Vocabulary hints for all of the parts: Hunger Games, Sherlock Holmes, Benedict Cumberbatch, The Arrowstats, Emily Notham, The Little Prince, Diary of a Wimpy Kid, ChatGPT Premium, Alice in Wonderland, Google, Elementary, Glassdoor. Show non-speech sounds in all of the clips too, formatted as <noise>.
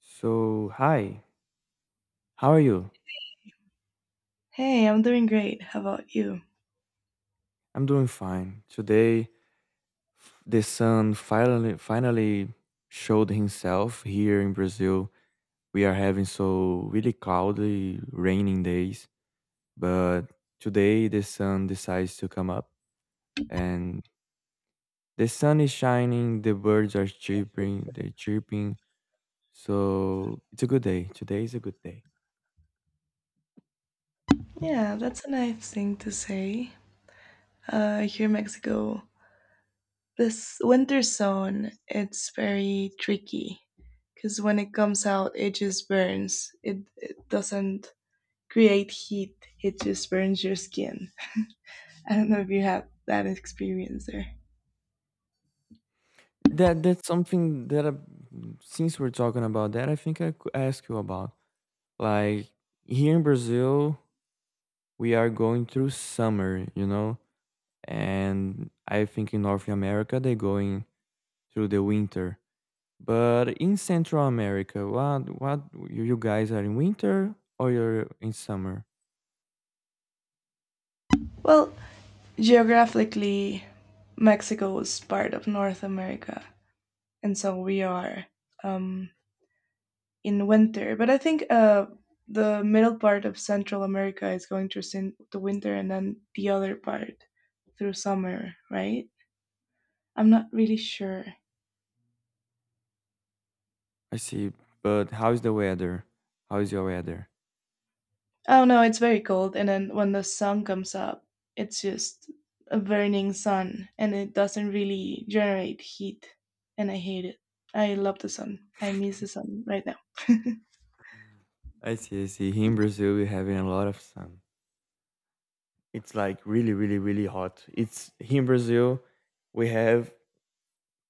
So, hi. How are you? Hey, I'm doing great. How about you? I'm doing fine. Today, the sun finally showed himself here in Brazil. We are having so really cloudy, raining days, but today the sun decides to come up and the sun is shining, the birds are chirping, they're chirping. So, it's a good day. Today is a good day. Yeah, that's a nice thing to say. Here in Mexico, this winter zone, it's very tricky because when it comes out, it just burns. It doesn't create heat, it just burns your skin. <laughs> I don't know if you have that experience there. That's something that since we're talking about that, I think I could ask you about. Like here in Brazil, we are going through summer, you know, and I think in North America they're going through the winter. But in Central America, what, you guys, are in winter or you're in summer? Well, geographically, Mexico was part of North America, and so we are um, in winter. But I think the middle part of Central America is going through the winter, and then the other part through summer, right? I'm not really sure. I see. But how is the weather? How is your weather? Oh no, it's very cold, and then when the sun comes up, it's just a burning sun, and it doesn't really generate heat, and I hate it. I love the sun. I miss the sun right now. I see, I see. Here in Brazil, we're having a lot of sun. It's like really, really, really hot. It's, here in Brazil, we have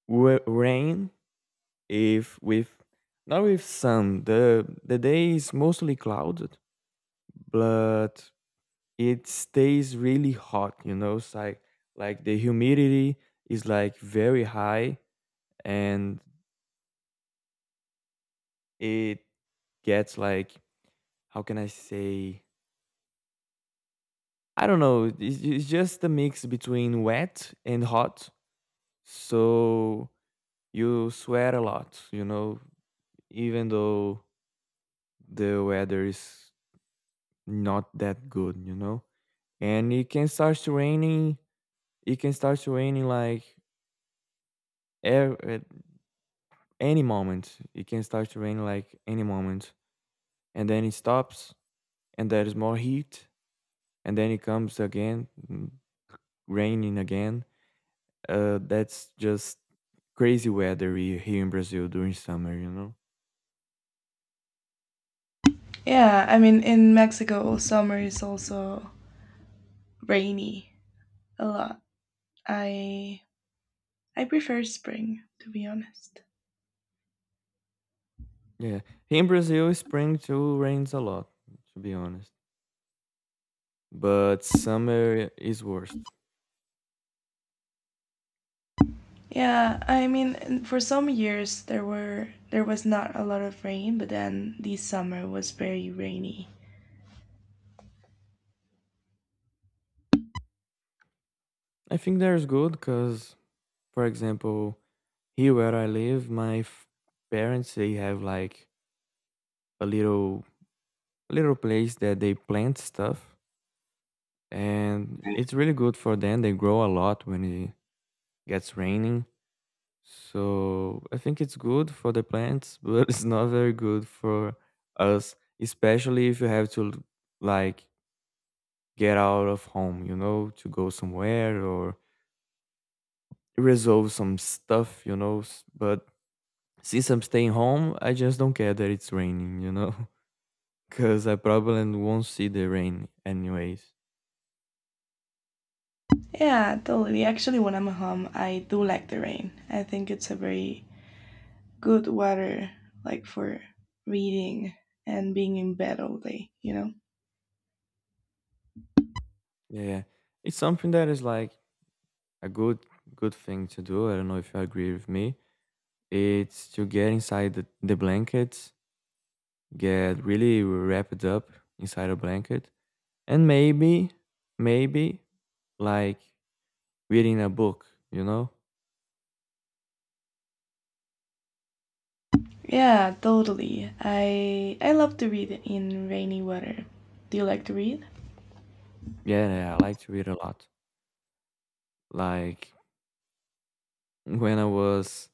rain. If with not with sun, the day is mostly clouded, but it stays really hot, you know, it's like the humidity is like very high and it gets like, how can I say? I don't know. It's just a mix between wet and hot. So you sweat a lot, you know, even though the weather is not that good, you know? And it can start to raining. It can start to raining like at any moment. It can start to rain like any moment, and then it stops, and there is more heat, and then it comes again, raining again. That's just crazy weather here in Brazil during summer. You know, Yeah, I mean, in Mexico, summer is also rainy a lot. I I prefer spring, to be honest. yeah. Here in Brazil, spring too rains a lot, to be honest, but summer is worst. Yeah, I mean, for some years there was not a lot of rain, but then this summer was very rainy. I think there's good because, for example, here where I live, my parents, they have like a little place that they plant stuff, and it's really good for them. They grow a lot when it gets raining, so I think it's good for the plants, <laughs> but it's not very good for us, especially if you have to, like, get out of home, you know, to go somewhere or resolve some stuff, you know. But since I'm staying home, I just don't care that it's raining, you know, <laughs> because I probably won't see the rain anyways. Yeah, totally. Actually, when I'm home, I do like the rain. I think it's a very good weather, like for reading and being in bed all day, you know? Yeah, it's something that is like a good thing to do. I don't know if you agree with me. It's to get inside the blankets, get really wrapped up inside a blanket, and maybe like reading a book, you know? Yeah, totally. I love to read in rainy weather. Do you like to read? Yeah, yeah, I like to read a lot. Like when I was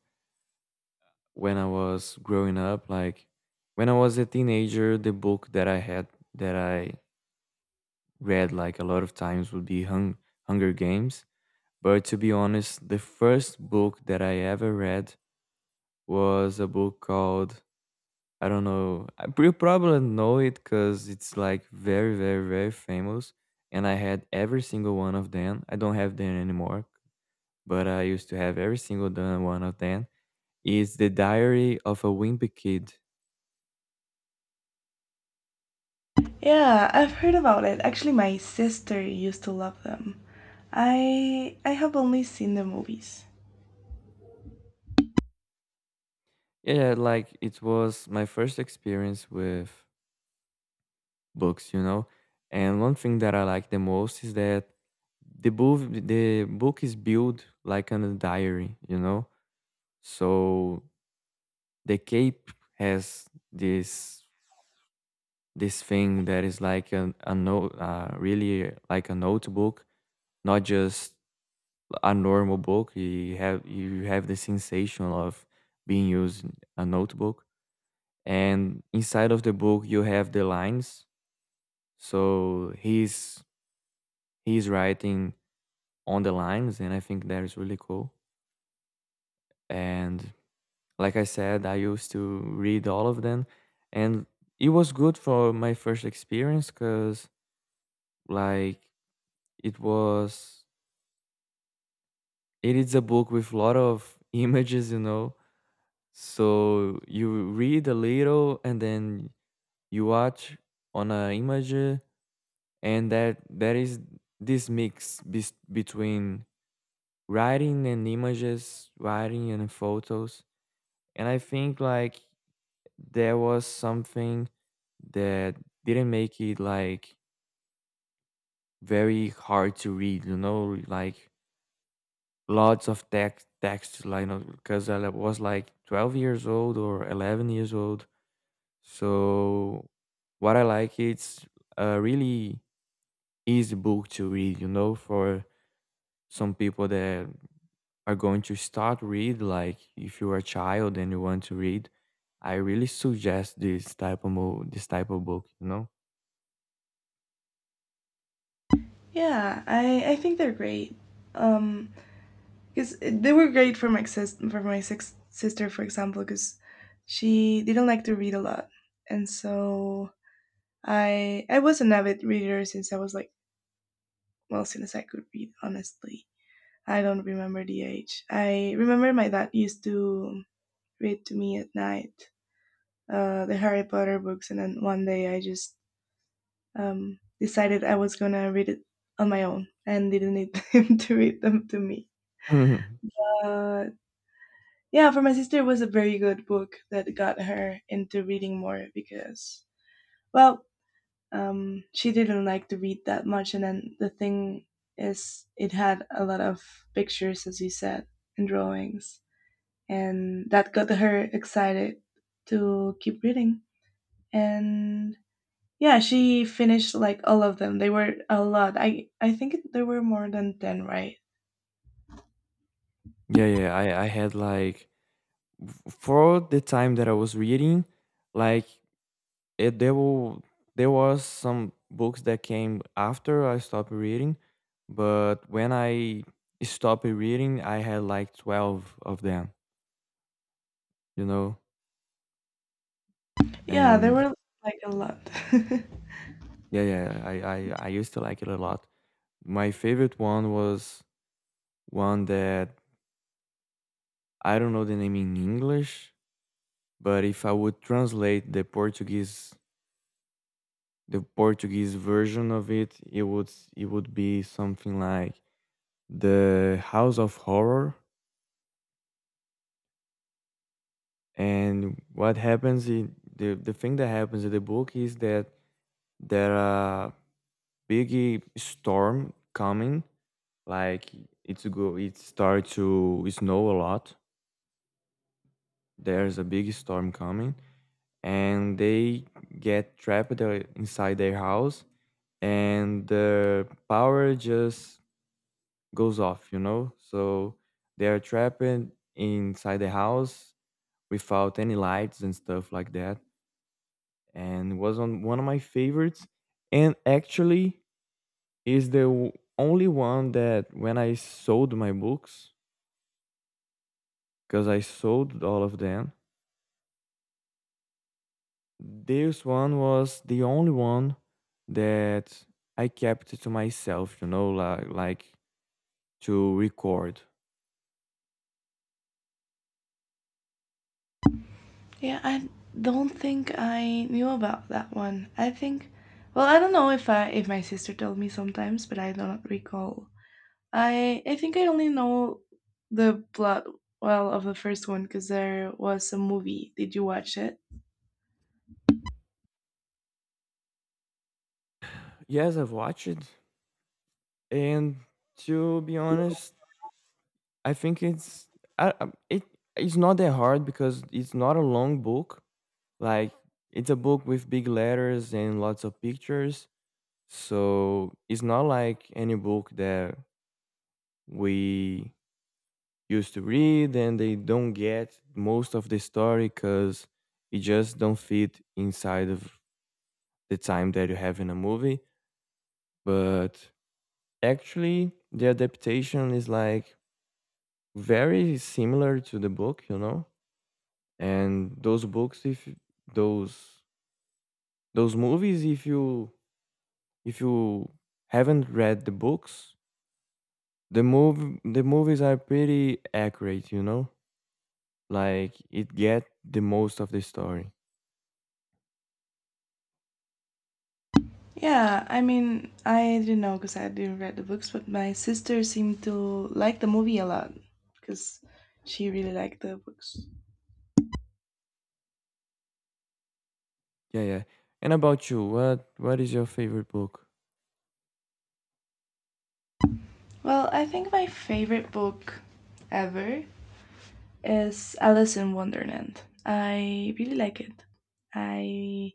when I was growing up. Like when I was a teenager, the book that I had that I read like a lot of times would be Hunger Games. But to be honest, the first book that I ever read was a book called, I don't know. I probably know it because it's like very, very, very famous. And I had every single one of them. I don't have them anymore, but I used to have every single one of them. It's the Diary of a Wimpy Kid. Yeah, I've heard about it. Actually, my sister used to love them. I have only seen the movies. Yeah, like it was my first experience with books, you know. And one thing that I like the most is that the book is built like on a diary, you know. So the cape has this this thing that is like a note, really like a notebook, not just a normal book. You have the sensation of being using a notebook, and inside of the book you have the lines. So he's writing on the lines, and I think that is really cool. And like I said, I used to read all of them, and it was good for my first experience because, like, it was it is a book with a lot of <laughs> images, you know. So you read a little, and then you watch on an image, and that there is this mix between writing and images, writing and photos. And I think like there was something that didn't make it like very hard to read, you know, like lots of text like because I was like 12 years old or 11 years old. So what I like it's a really easy book to read, you know, for some people that are going to start read, like if you're a child and you want to read, I really suggest this type of this type of book, you know. Yeah, I think they're great. Um, because they were great for my sis for my six sister, for example, because she didn't like to read a lot, and so I was an avid reader since I was like, well, since I could read. Honestly, I don't remember the age. I remember my dad used to read to me at night, the Harry Potter books, and then one day I just decided I was gonna read it on my own and didn't need him <laughs> to read them to me. <laughs> Mhm. Uh, yeah, for my sister, it was a very good book that got her into reading more because, well, she didn't like to read that much. And then the thing is, it had a lot of pictures, as you said, and drawings. And that got her excited to keep reading. And yeah, she finished like all of them. They were a lot. I think there were more than 10, right? Yeah, yeah, I had like, for the time that I was reading, like it, there were, there was some books that came after I stopped reading, but when I stopped reading I had like 12 of them, you know. Yeah, there And were like a lot. <laughs> yeah yeah i i, I used to like it a lot. My favorite one was one that I don't know the name in English, but if I would translate the Portuguese version of it, it would be something like the House of Horror. And what happens in the thing that happens in the book is that there are big storm coming, like it's go it starts to snow a lot. There's a big storm coming and they get trapped inside their house, and the power just goes off, you know. So they are trapped inside the house without any lights and stuff like that, and it was on one of my favorites. And actually is the only one that when I sold my books, because I sold all of them, this one was the only one that I kept to myself, you know, like, to record. Yeah, I don't think I knew about that one. I think, well, I don't know if my sister told me sometimes, but I don't recall. I think I only know the plot, well, of the first one because there was a movie. Did you watch it? Yes, I've watched it, and to be honest, I think it's, I, I- it it's not that hard because it's not a long book. Like it's a book with big letters and lots of pictures, so it's not like any book that we used to read and they don't get most of the story because it just don't fit inside of the time that you have in a movie. But actually the adaptation is like very similar to the book, you know. And those books, if those those movies, if you, if you haven't read the books, the movies are pretty accurate, you know, like it get the most of the story. Yeah, I mean, I didn't know because I didn't read the books, but my sister seemed to like the movie a lot because she really liked the books. Yeah, yeah. And about you, what is your favorite book? Well, I think my favorite book ever is Alice in Wonderland. I really like it. I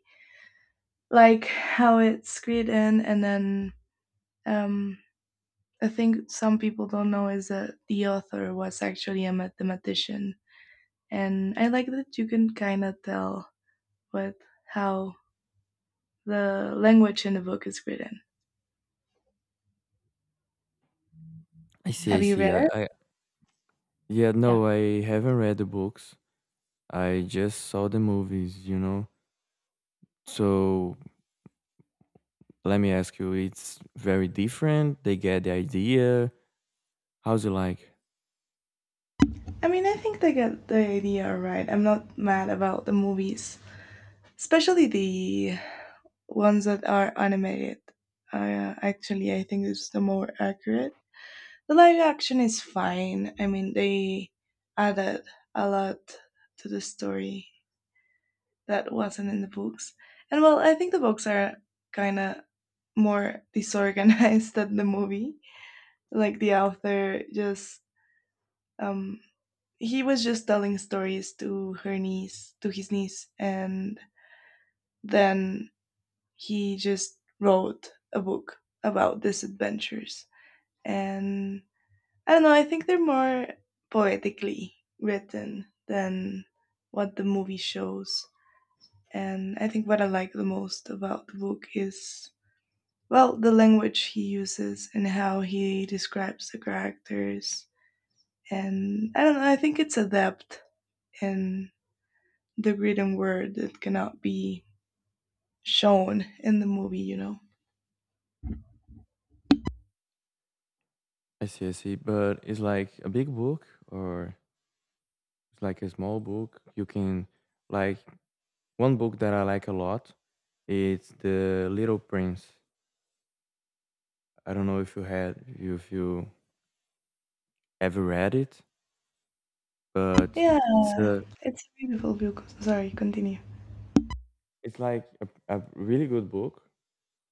like how it's created in, and then, um, I think some people don't know is that the author was actually a mathematician, and I like that you can kind of tell what how the language in the book is written. I see, I Have you read see. I, it? I yeah, Yeah. no, I haven't read the books. I just saw the movies, you know. So let me ask you, it's very different. They get the idea. How's it like? I mean, I think they get the idea right. I'm not mad about the movies, especially the ones that are animated. Actually, I think it's the more accurate. The live action is fine. I mean, they added a lot to the story that wasn't in the books. And, well, I think the books are kind of more disorganized <laughs> than the movie. Like the author just, um, he was just telling stories to her niece, to his niece, and then he just wrote a book about these adventures. And I don't know, I think they're more poetically written than what the movie shows. And I think what I like the most about the book is, well, the language he uses and how he describes the characters. And I don't know, I think it's adept, and the written word that cannot be shown in the movie, you know? I see, I see. But it's like a big book or it's like a small book. You can, like, one book that I like a lot. It's The Little Prince. I don't know if you had, if you ever read it. But Yeah, it's a, it's a beautiful book. Sorry, continue. it's like a really good book.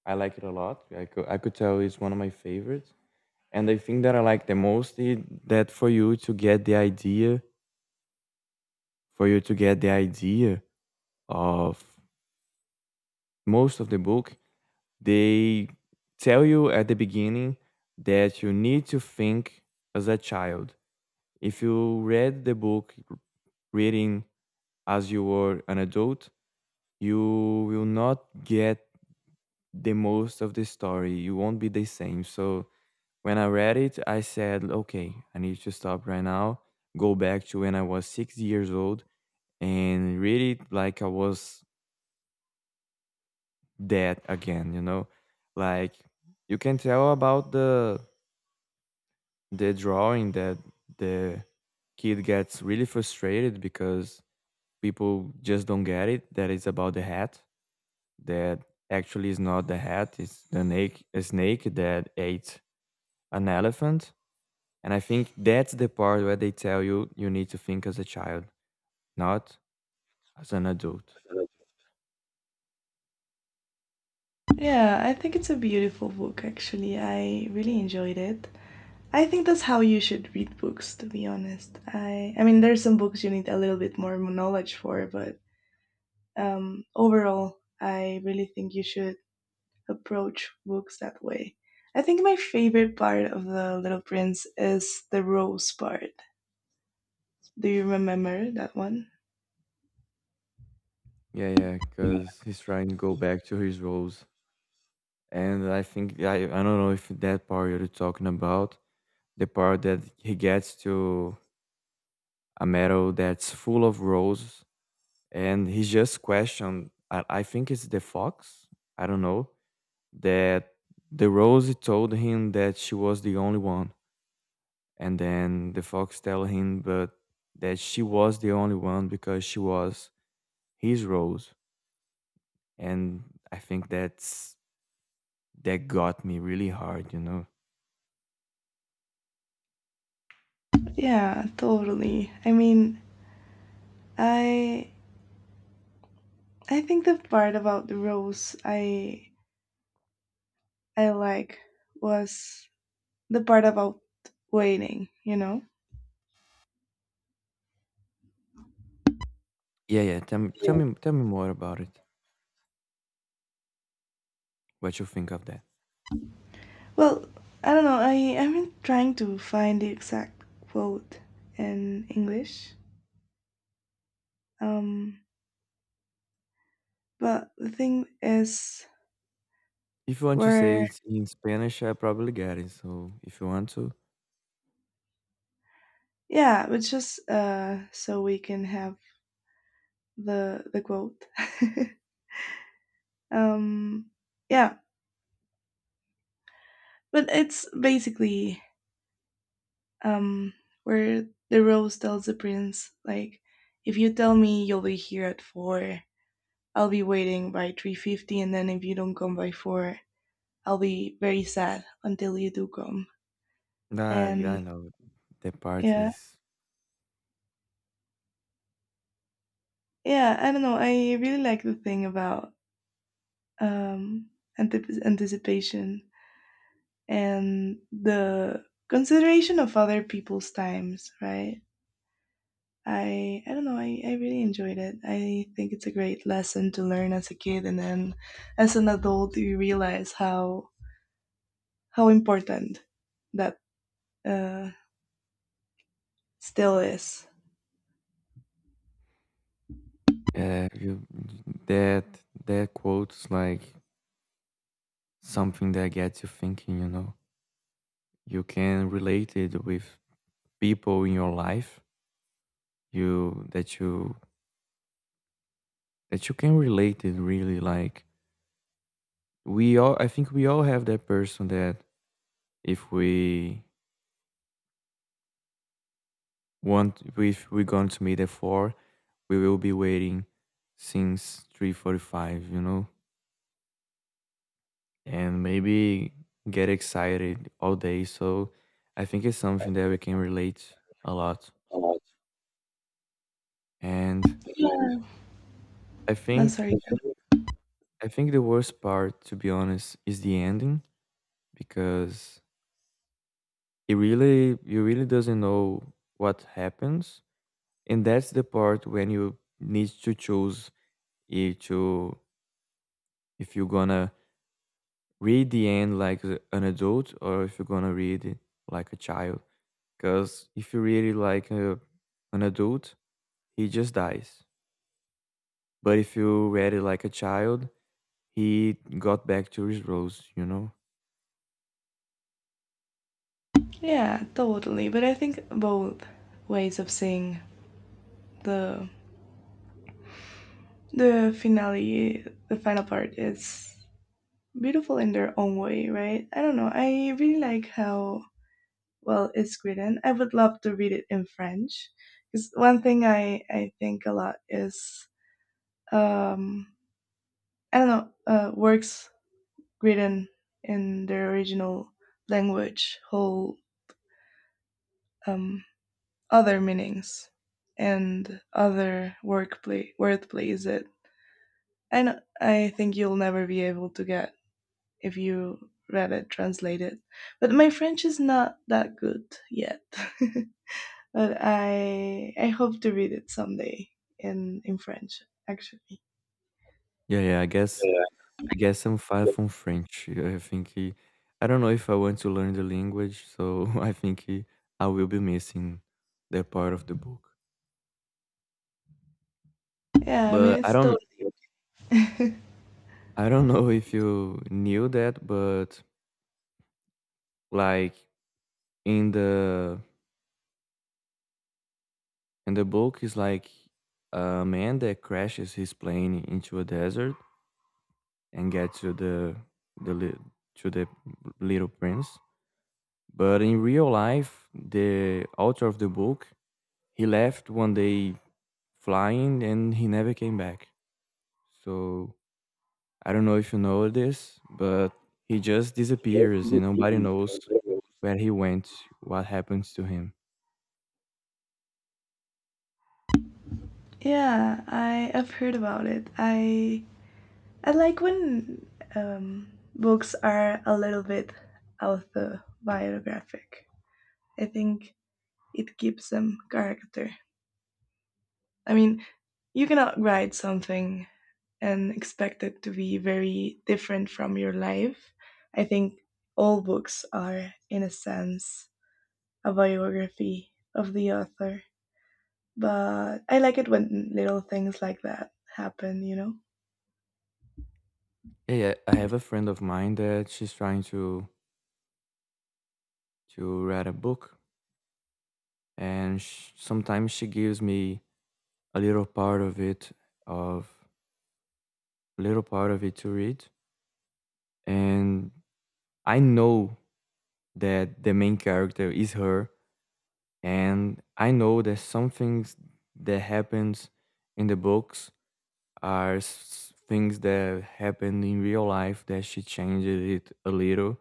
I like it a lot. I could tell it's one of my favorites. And the thing that I like the most is that for you to get the idea of most of the book, they tell you at the beginning that you need to think as a child. If you read the book reading as you were an adult, you will not get the most of the story. You won't be the same. So when I read it, I said, okay, I need to stop right now, go back to when I was 6 years old and read it like I was dead again, you know? Like you can tell about the drawing that the kid gets really frustrated because people just don't get it that it's about the hat, that actually is not the hat, it's the a snake that ate an elephant. And I think that's the part where they tell you you need to think as a child, not as an adult. Yeah, I think it's a beautiful book, actually. I really enjoyed it. I think that's how you should read books, to be honest. I mean there's some books you need a little bit more knowledge for, but overall I really think you should approach books that way. I think my favorite part of The Little Prince is the rose part. Do you remember that one? Yeah, yeah, Yeah, because he's trying to go back to his roles. And I think, I don't know if that part you're talking about, the part that he gets to a meadow that's full of roses, and he's just questioned, I think it's the fox, I don't know, that the rose told him that she was the only one. And then the fox tell him, but that she was the only one because she was his rose. And I think that got me really hard, you know? yeah, totally. I mean, I I think the part about the rose, I like was the part about waiting, you know? Yeah, yeah, tell me more about it, what you think of that. Well, I don't know. I've been trying to find the exact quote in English. Um, but the thing is, If you want to we're say it in Spanish, I probably get it. So if you want to. yeah, but just, so we can have the quote. <laughs> um, yeah, but it's basically, um, where the rose tells the prince, like, if you tell me you'll be here at 4, I'll be waiting by 3:50, and then if you don't come by 4, I'll be very sad until you do come. Nah, And I know. That part yeah, is. yeah, I don't know. I really like the thing about, um, anticipation and the consideration of other people's times, right? I don't know. I really enjoyed it. I think it's a great lesson to learn as a kid, and then as an adult, you realize how important that, uh, still is. Yeah, you that that quote is like something that gets you thinking. You can relate it with people in your life, you that you that you can relate it, really, like, we all, I think we all have that person that, if we want if we're going to meet at 4, we will be waiting since 3:45, and maybe get excited all day. So I think it's something that we can relate a lot. And Yeah. i No, think sorry. I think the worst part, to be honest, is the ending, because it really you really doesn't know what happens. And that's the part when you need to choose if to if you're gonna read the end like an adult, or if you're gonna read it like a child. Because if you read it like an adult, he just dies. But if you read it like a child, he got back to his rose. Yeah, totally. But I think both ways of seeing the the finale, the final part, is beautiful in their own way, right? I don't know. I really like how well it's written. I would love to read it in French because one thing I think a lot is, um, I don't know, works written in their original language hold, um, other meanings and other work play word plays that I know, I think you'll never be able to get if you read it translated. But my French is not that good yet. <laughs> But I hope to read it someday in French, actually. Yeah, yeah, I guess. Yeah, I guess I'm far from French. <laughs> I think I don't know if I want to learn the language, so <laughs> I think I will be missing that part of the book. yeah, I mean But I it's don't totally, I don't know if you knew that, but, like, in the in the book is like a man that crashes his plane into a desert and gets to the li- the little prince. But in real life, the author of the book, he left one day flying and he never came back. So I don't know if you know this, but he just disappears and nobody knows well, where he went, what happens to him. yeah. I've heard about it. I like when, books are a little bit autobiographic. I think it gives them character. I mean, you cannot write something and expect it to be very different from your life. I think all books are, in a sense, a biography of the author. But I like it when little things like that happen, you know? Yeah, yeah, I have a friend of mine that she's trying to write a book, and sh sometimes she gives me a little part of it of to read, and I know that the main character is her, and I know that some things that happens in the books are things that happened in real life that she changed it a little,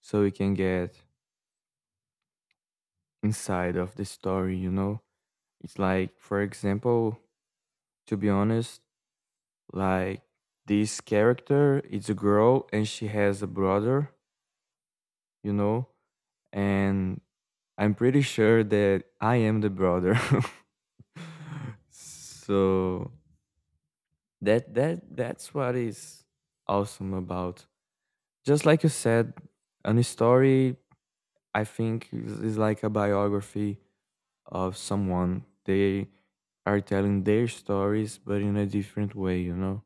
so we can get inside of the story. It's like, for example, to be honest, like, this character is a girl and she has a brother, you know? And I'm pretty sure that I am the brother. <laughs> So that's what is awesome about. Just like you said, a story, I think is like a biography of someone. They are telling their stories, but in a different way, you know?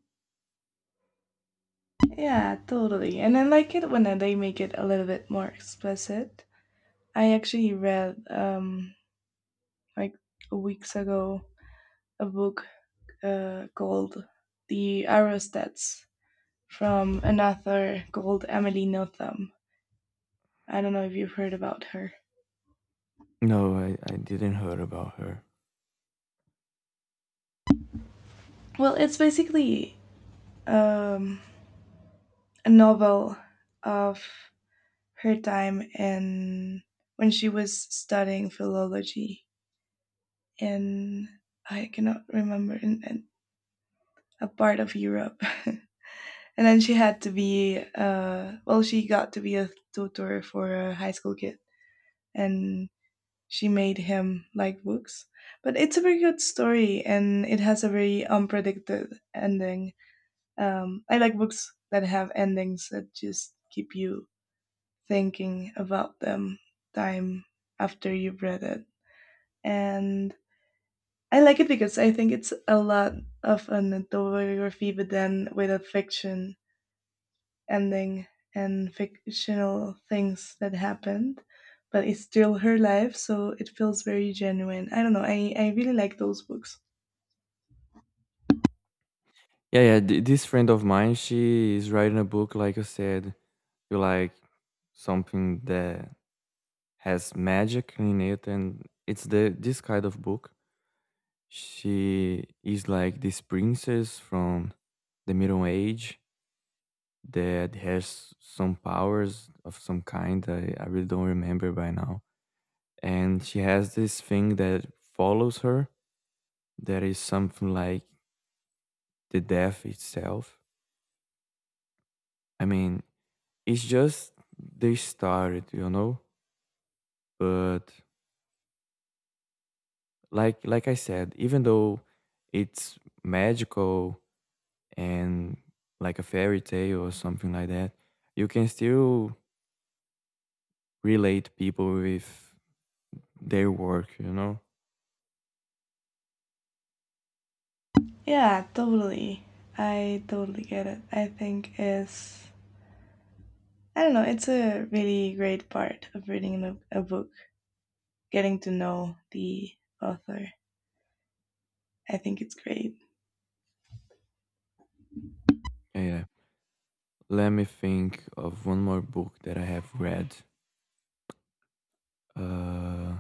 Yeah, totally. And I like it when they make it a little bit more explicit. I actually read, like, a weeks ago, a book, called The Arrowstats, from an author called Emily Notham. I don't know if you've heard about her. No, I didn't heard about her. Well, it's basically, um, a novel of her time in, when she was studying philology in, I cannot remember, in a part of Europe, <laughs> and then she had to be, well, she got to be a tutor for a high school kid, and she made him like books. But it's a very good story, and it has a very unpredicted ending. I like books that have endings that just keep you thinking about them time after you've read it. And I like it because I think it's a lot of an autobiography, but then with a fiction ending and fictional things that happened. But it's still her life, so it feels very genuine. I don't know. I really like those books. Yeah, yeah. This friend of mine, she is writing a book, like you said, you like something that has magic in it, and it's the this kind of book. She is like this princess from the Middle Age that has some powers of some kind. I really don't remember by now. And she has this thing that follows her, that is something like the death itself. I mean, it's just they started, you know? But like I said, even though it's magical and, like, a fairy tale or something like that, you can still relate people with their work, you know? Yeah, totally. I totally get it. I think is I don't know. It's a really great part of reading a book, getting to know the author. I think it's great. Yeah. Let me think of one more book that I have read. Uh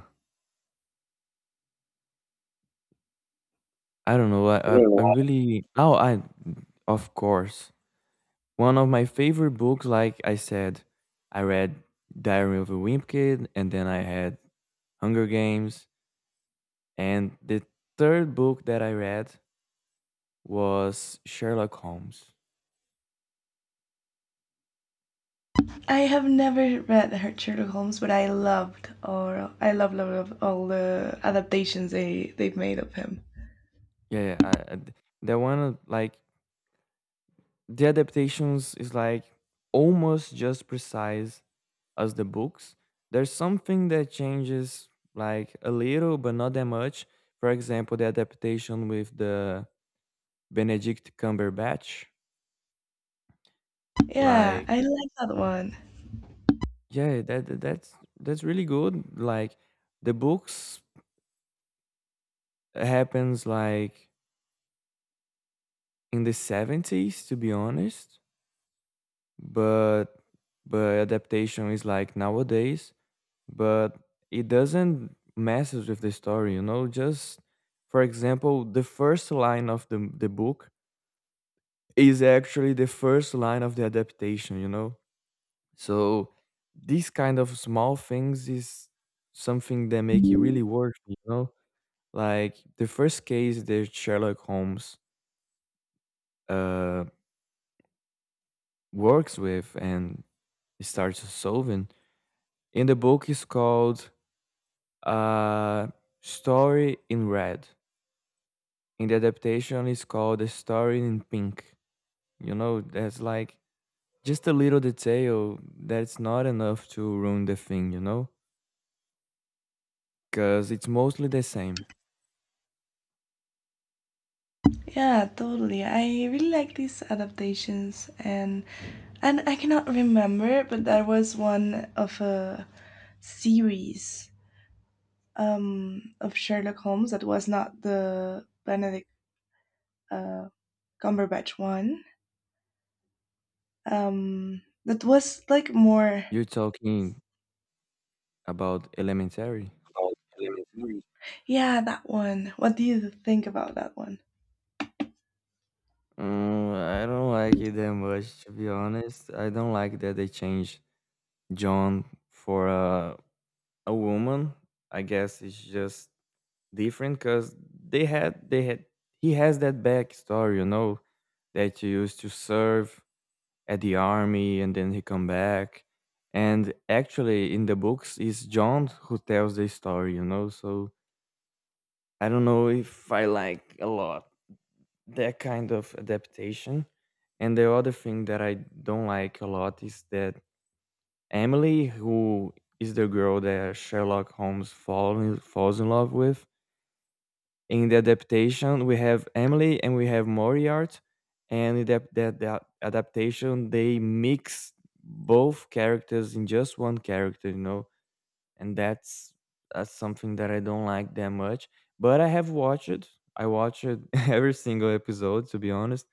I don't know. I really. Oh, I, of course. One of my favorite books, like I said, I read Diary of a Wimp Kid, and then I had Hunger Games, and the third book that I read was Sherlock Holmes. I have never read her Sherlock Holmes, but I loved, or I love love love all the adaptations they've made of him. Yeah, yeah, that one, like, the adaptations is like almost just precise as the books. There's something that changes, like, a little, but not that much. For example, the adaptation with the Benedict Cumberbatch, Yeah, like. I like that one. Yeah, that's really good. Like, the books happens like in the 70s, to be honest, but but adaptation is like nowadays, but it doesn't messes with the story, you know? Just for example, the first line of the book is actually the first line of the adaptation, you know? So these kind of small things is something that make it really work, you know? Like, the first case that Sherlock Holmes uh, works with and starts solving in the book is called, uh, Story in Red. In the adaptation is called A Story in Pink. You know, that's like just a little detail that's not enough to ruin the thing, you know? Because it's mostly the same. Yeah, totally. I really like these adaptations, and I cannot remember, but there was one of a series, of Sherlock Holmes that was not the Benedict, uh, Cumberbatch one. That was like more. You're talking about Elementary. Yeah, that one. What do you think about that one? Mm, I don't like it that much, to be honest. I don't like that they changed John for a woman. I guess it's just different because they had he has that backstory, that he used to serve at the army and then he come back. And actually, in the books, it's John who tells the story. So I don't know if I like a lot that kind of adaptation. And the other thing that I don't like a lot is that Emily, who is the girl that Sherlock Holmes falls in love with, in the adaptation we have Emily and we have Moriarty, and in that adaptation they mix both characters in just one character, and that's something that I don't like that much. But I have watched it. I watched <laughs> every single episode, to be honest,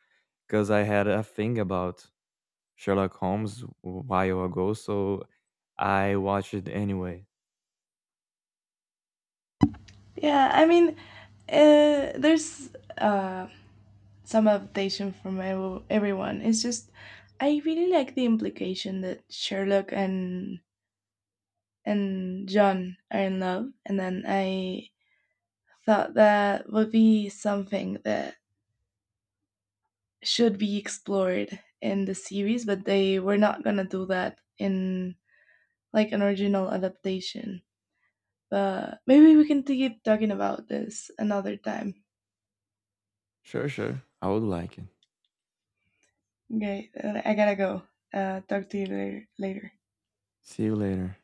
'cause I had a thing about Sherlock Holmes a while ago, so I watched it anyway. Yeah, I mean, there's, uh, some adaptation from everyone. It's just I really like the implication that Sherlock and John are in love, and then I thought that would be something that should be explored in the series, but they were not gonna do that in, like, an original adaptation. But maybe we can keep talking about this another time. Sure, sure. I would like it. Okay, I gotta go. Talk to you later. See you later.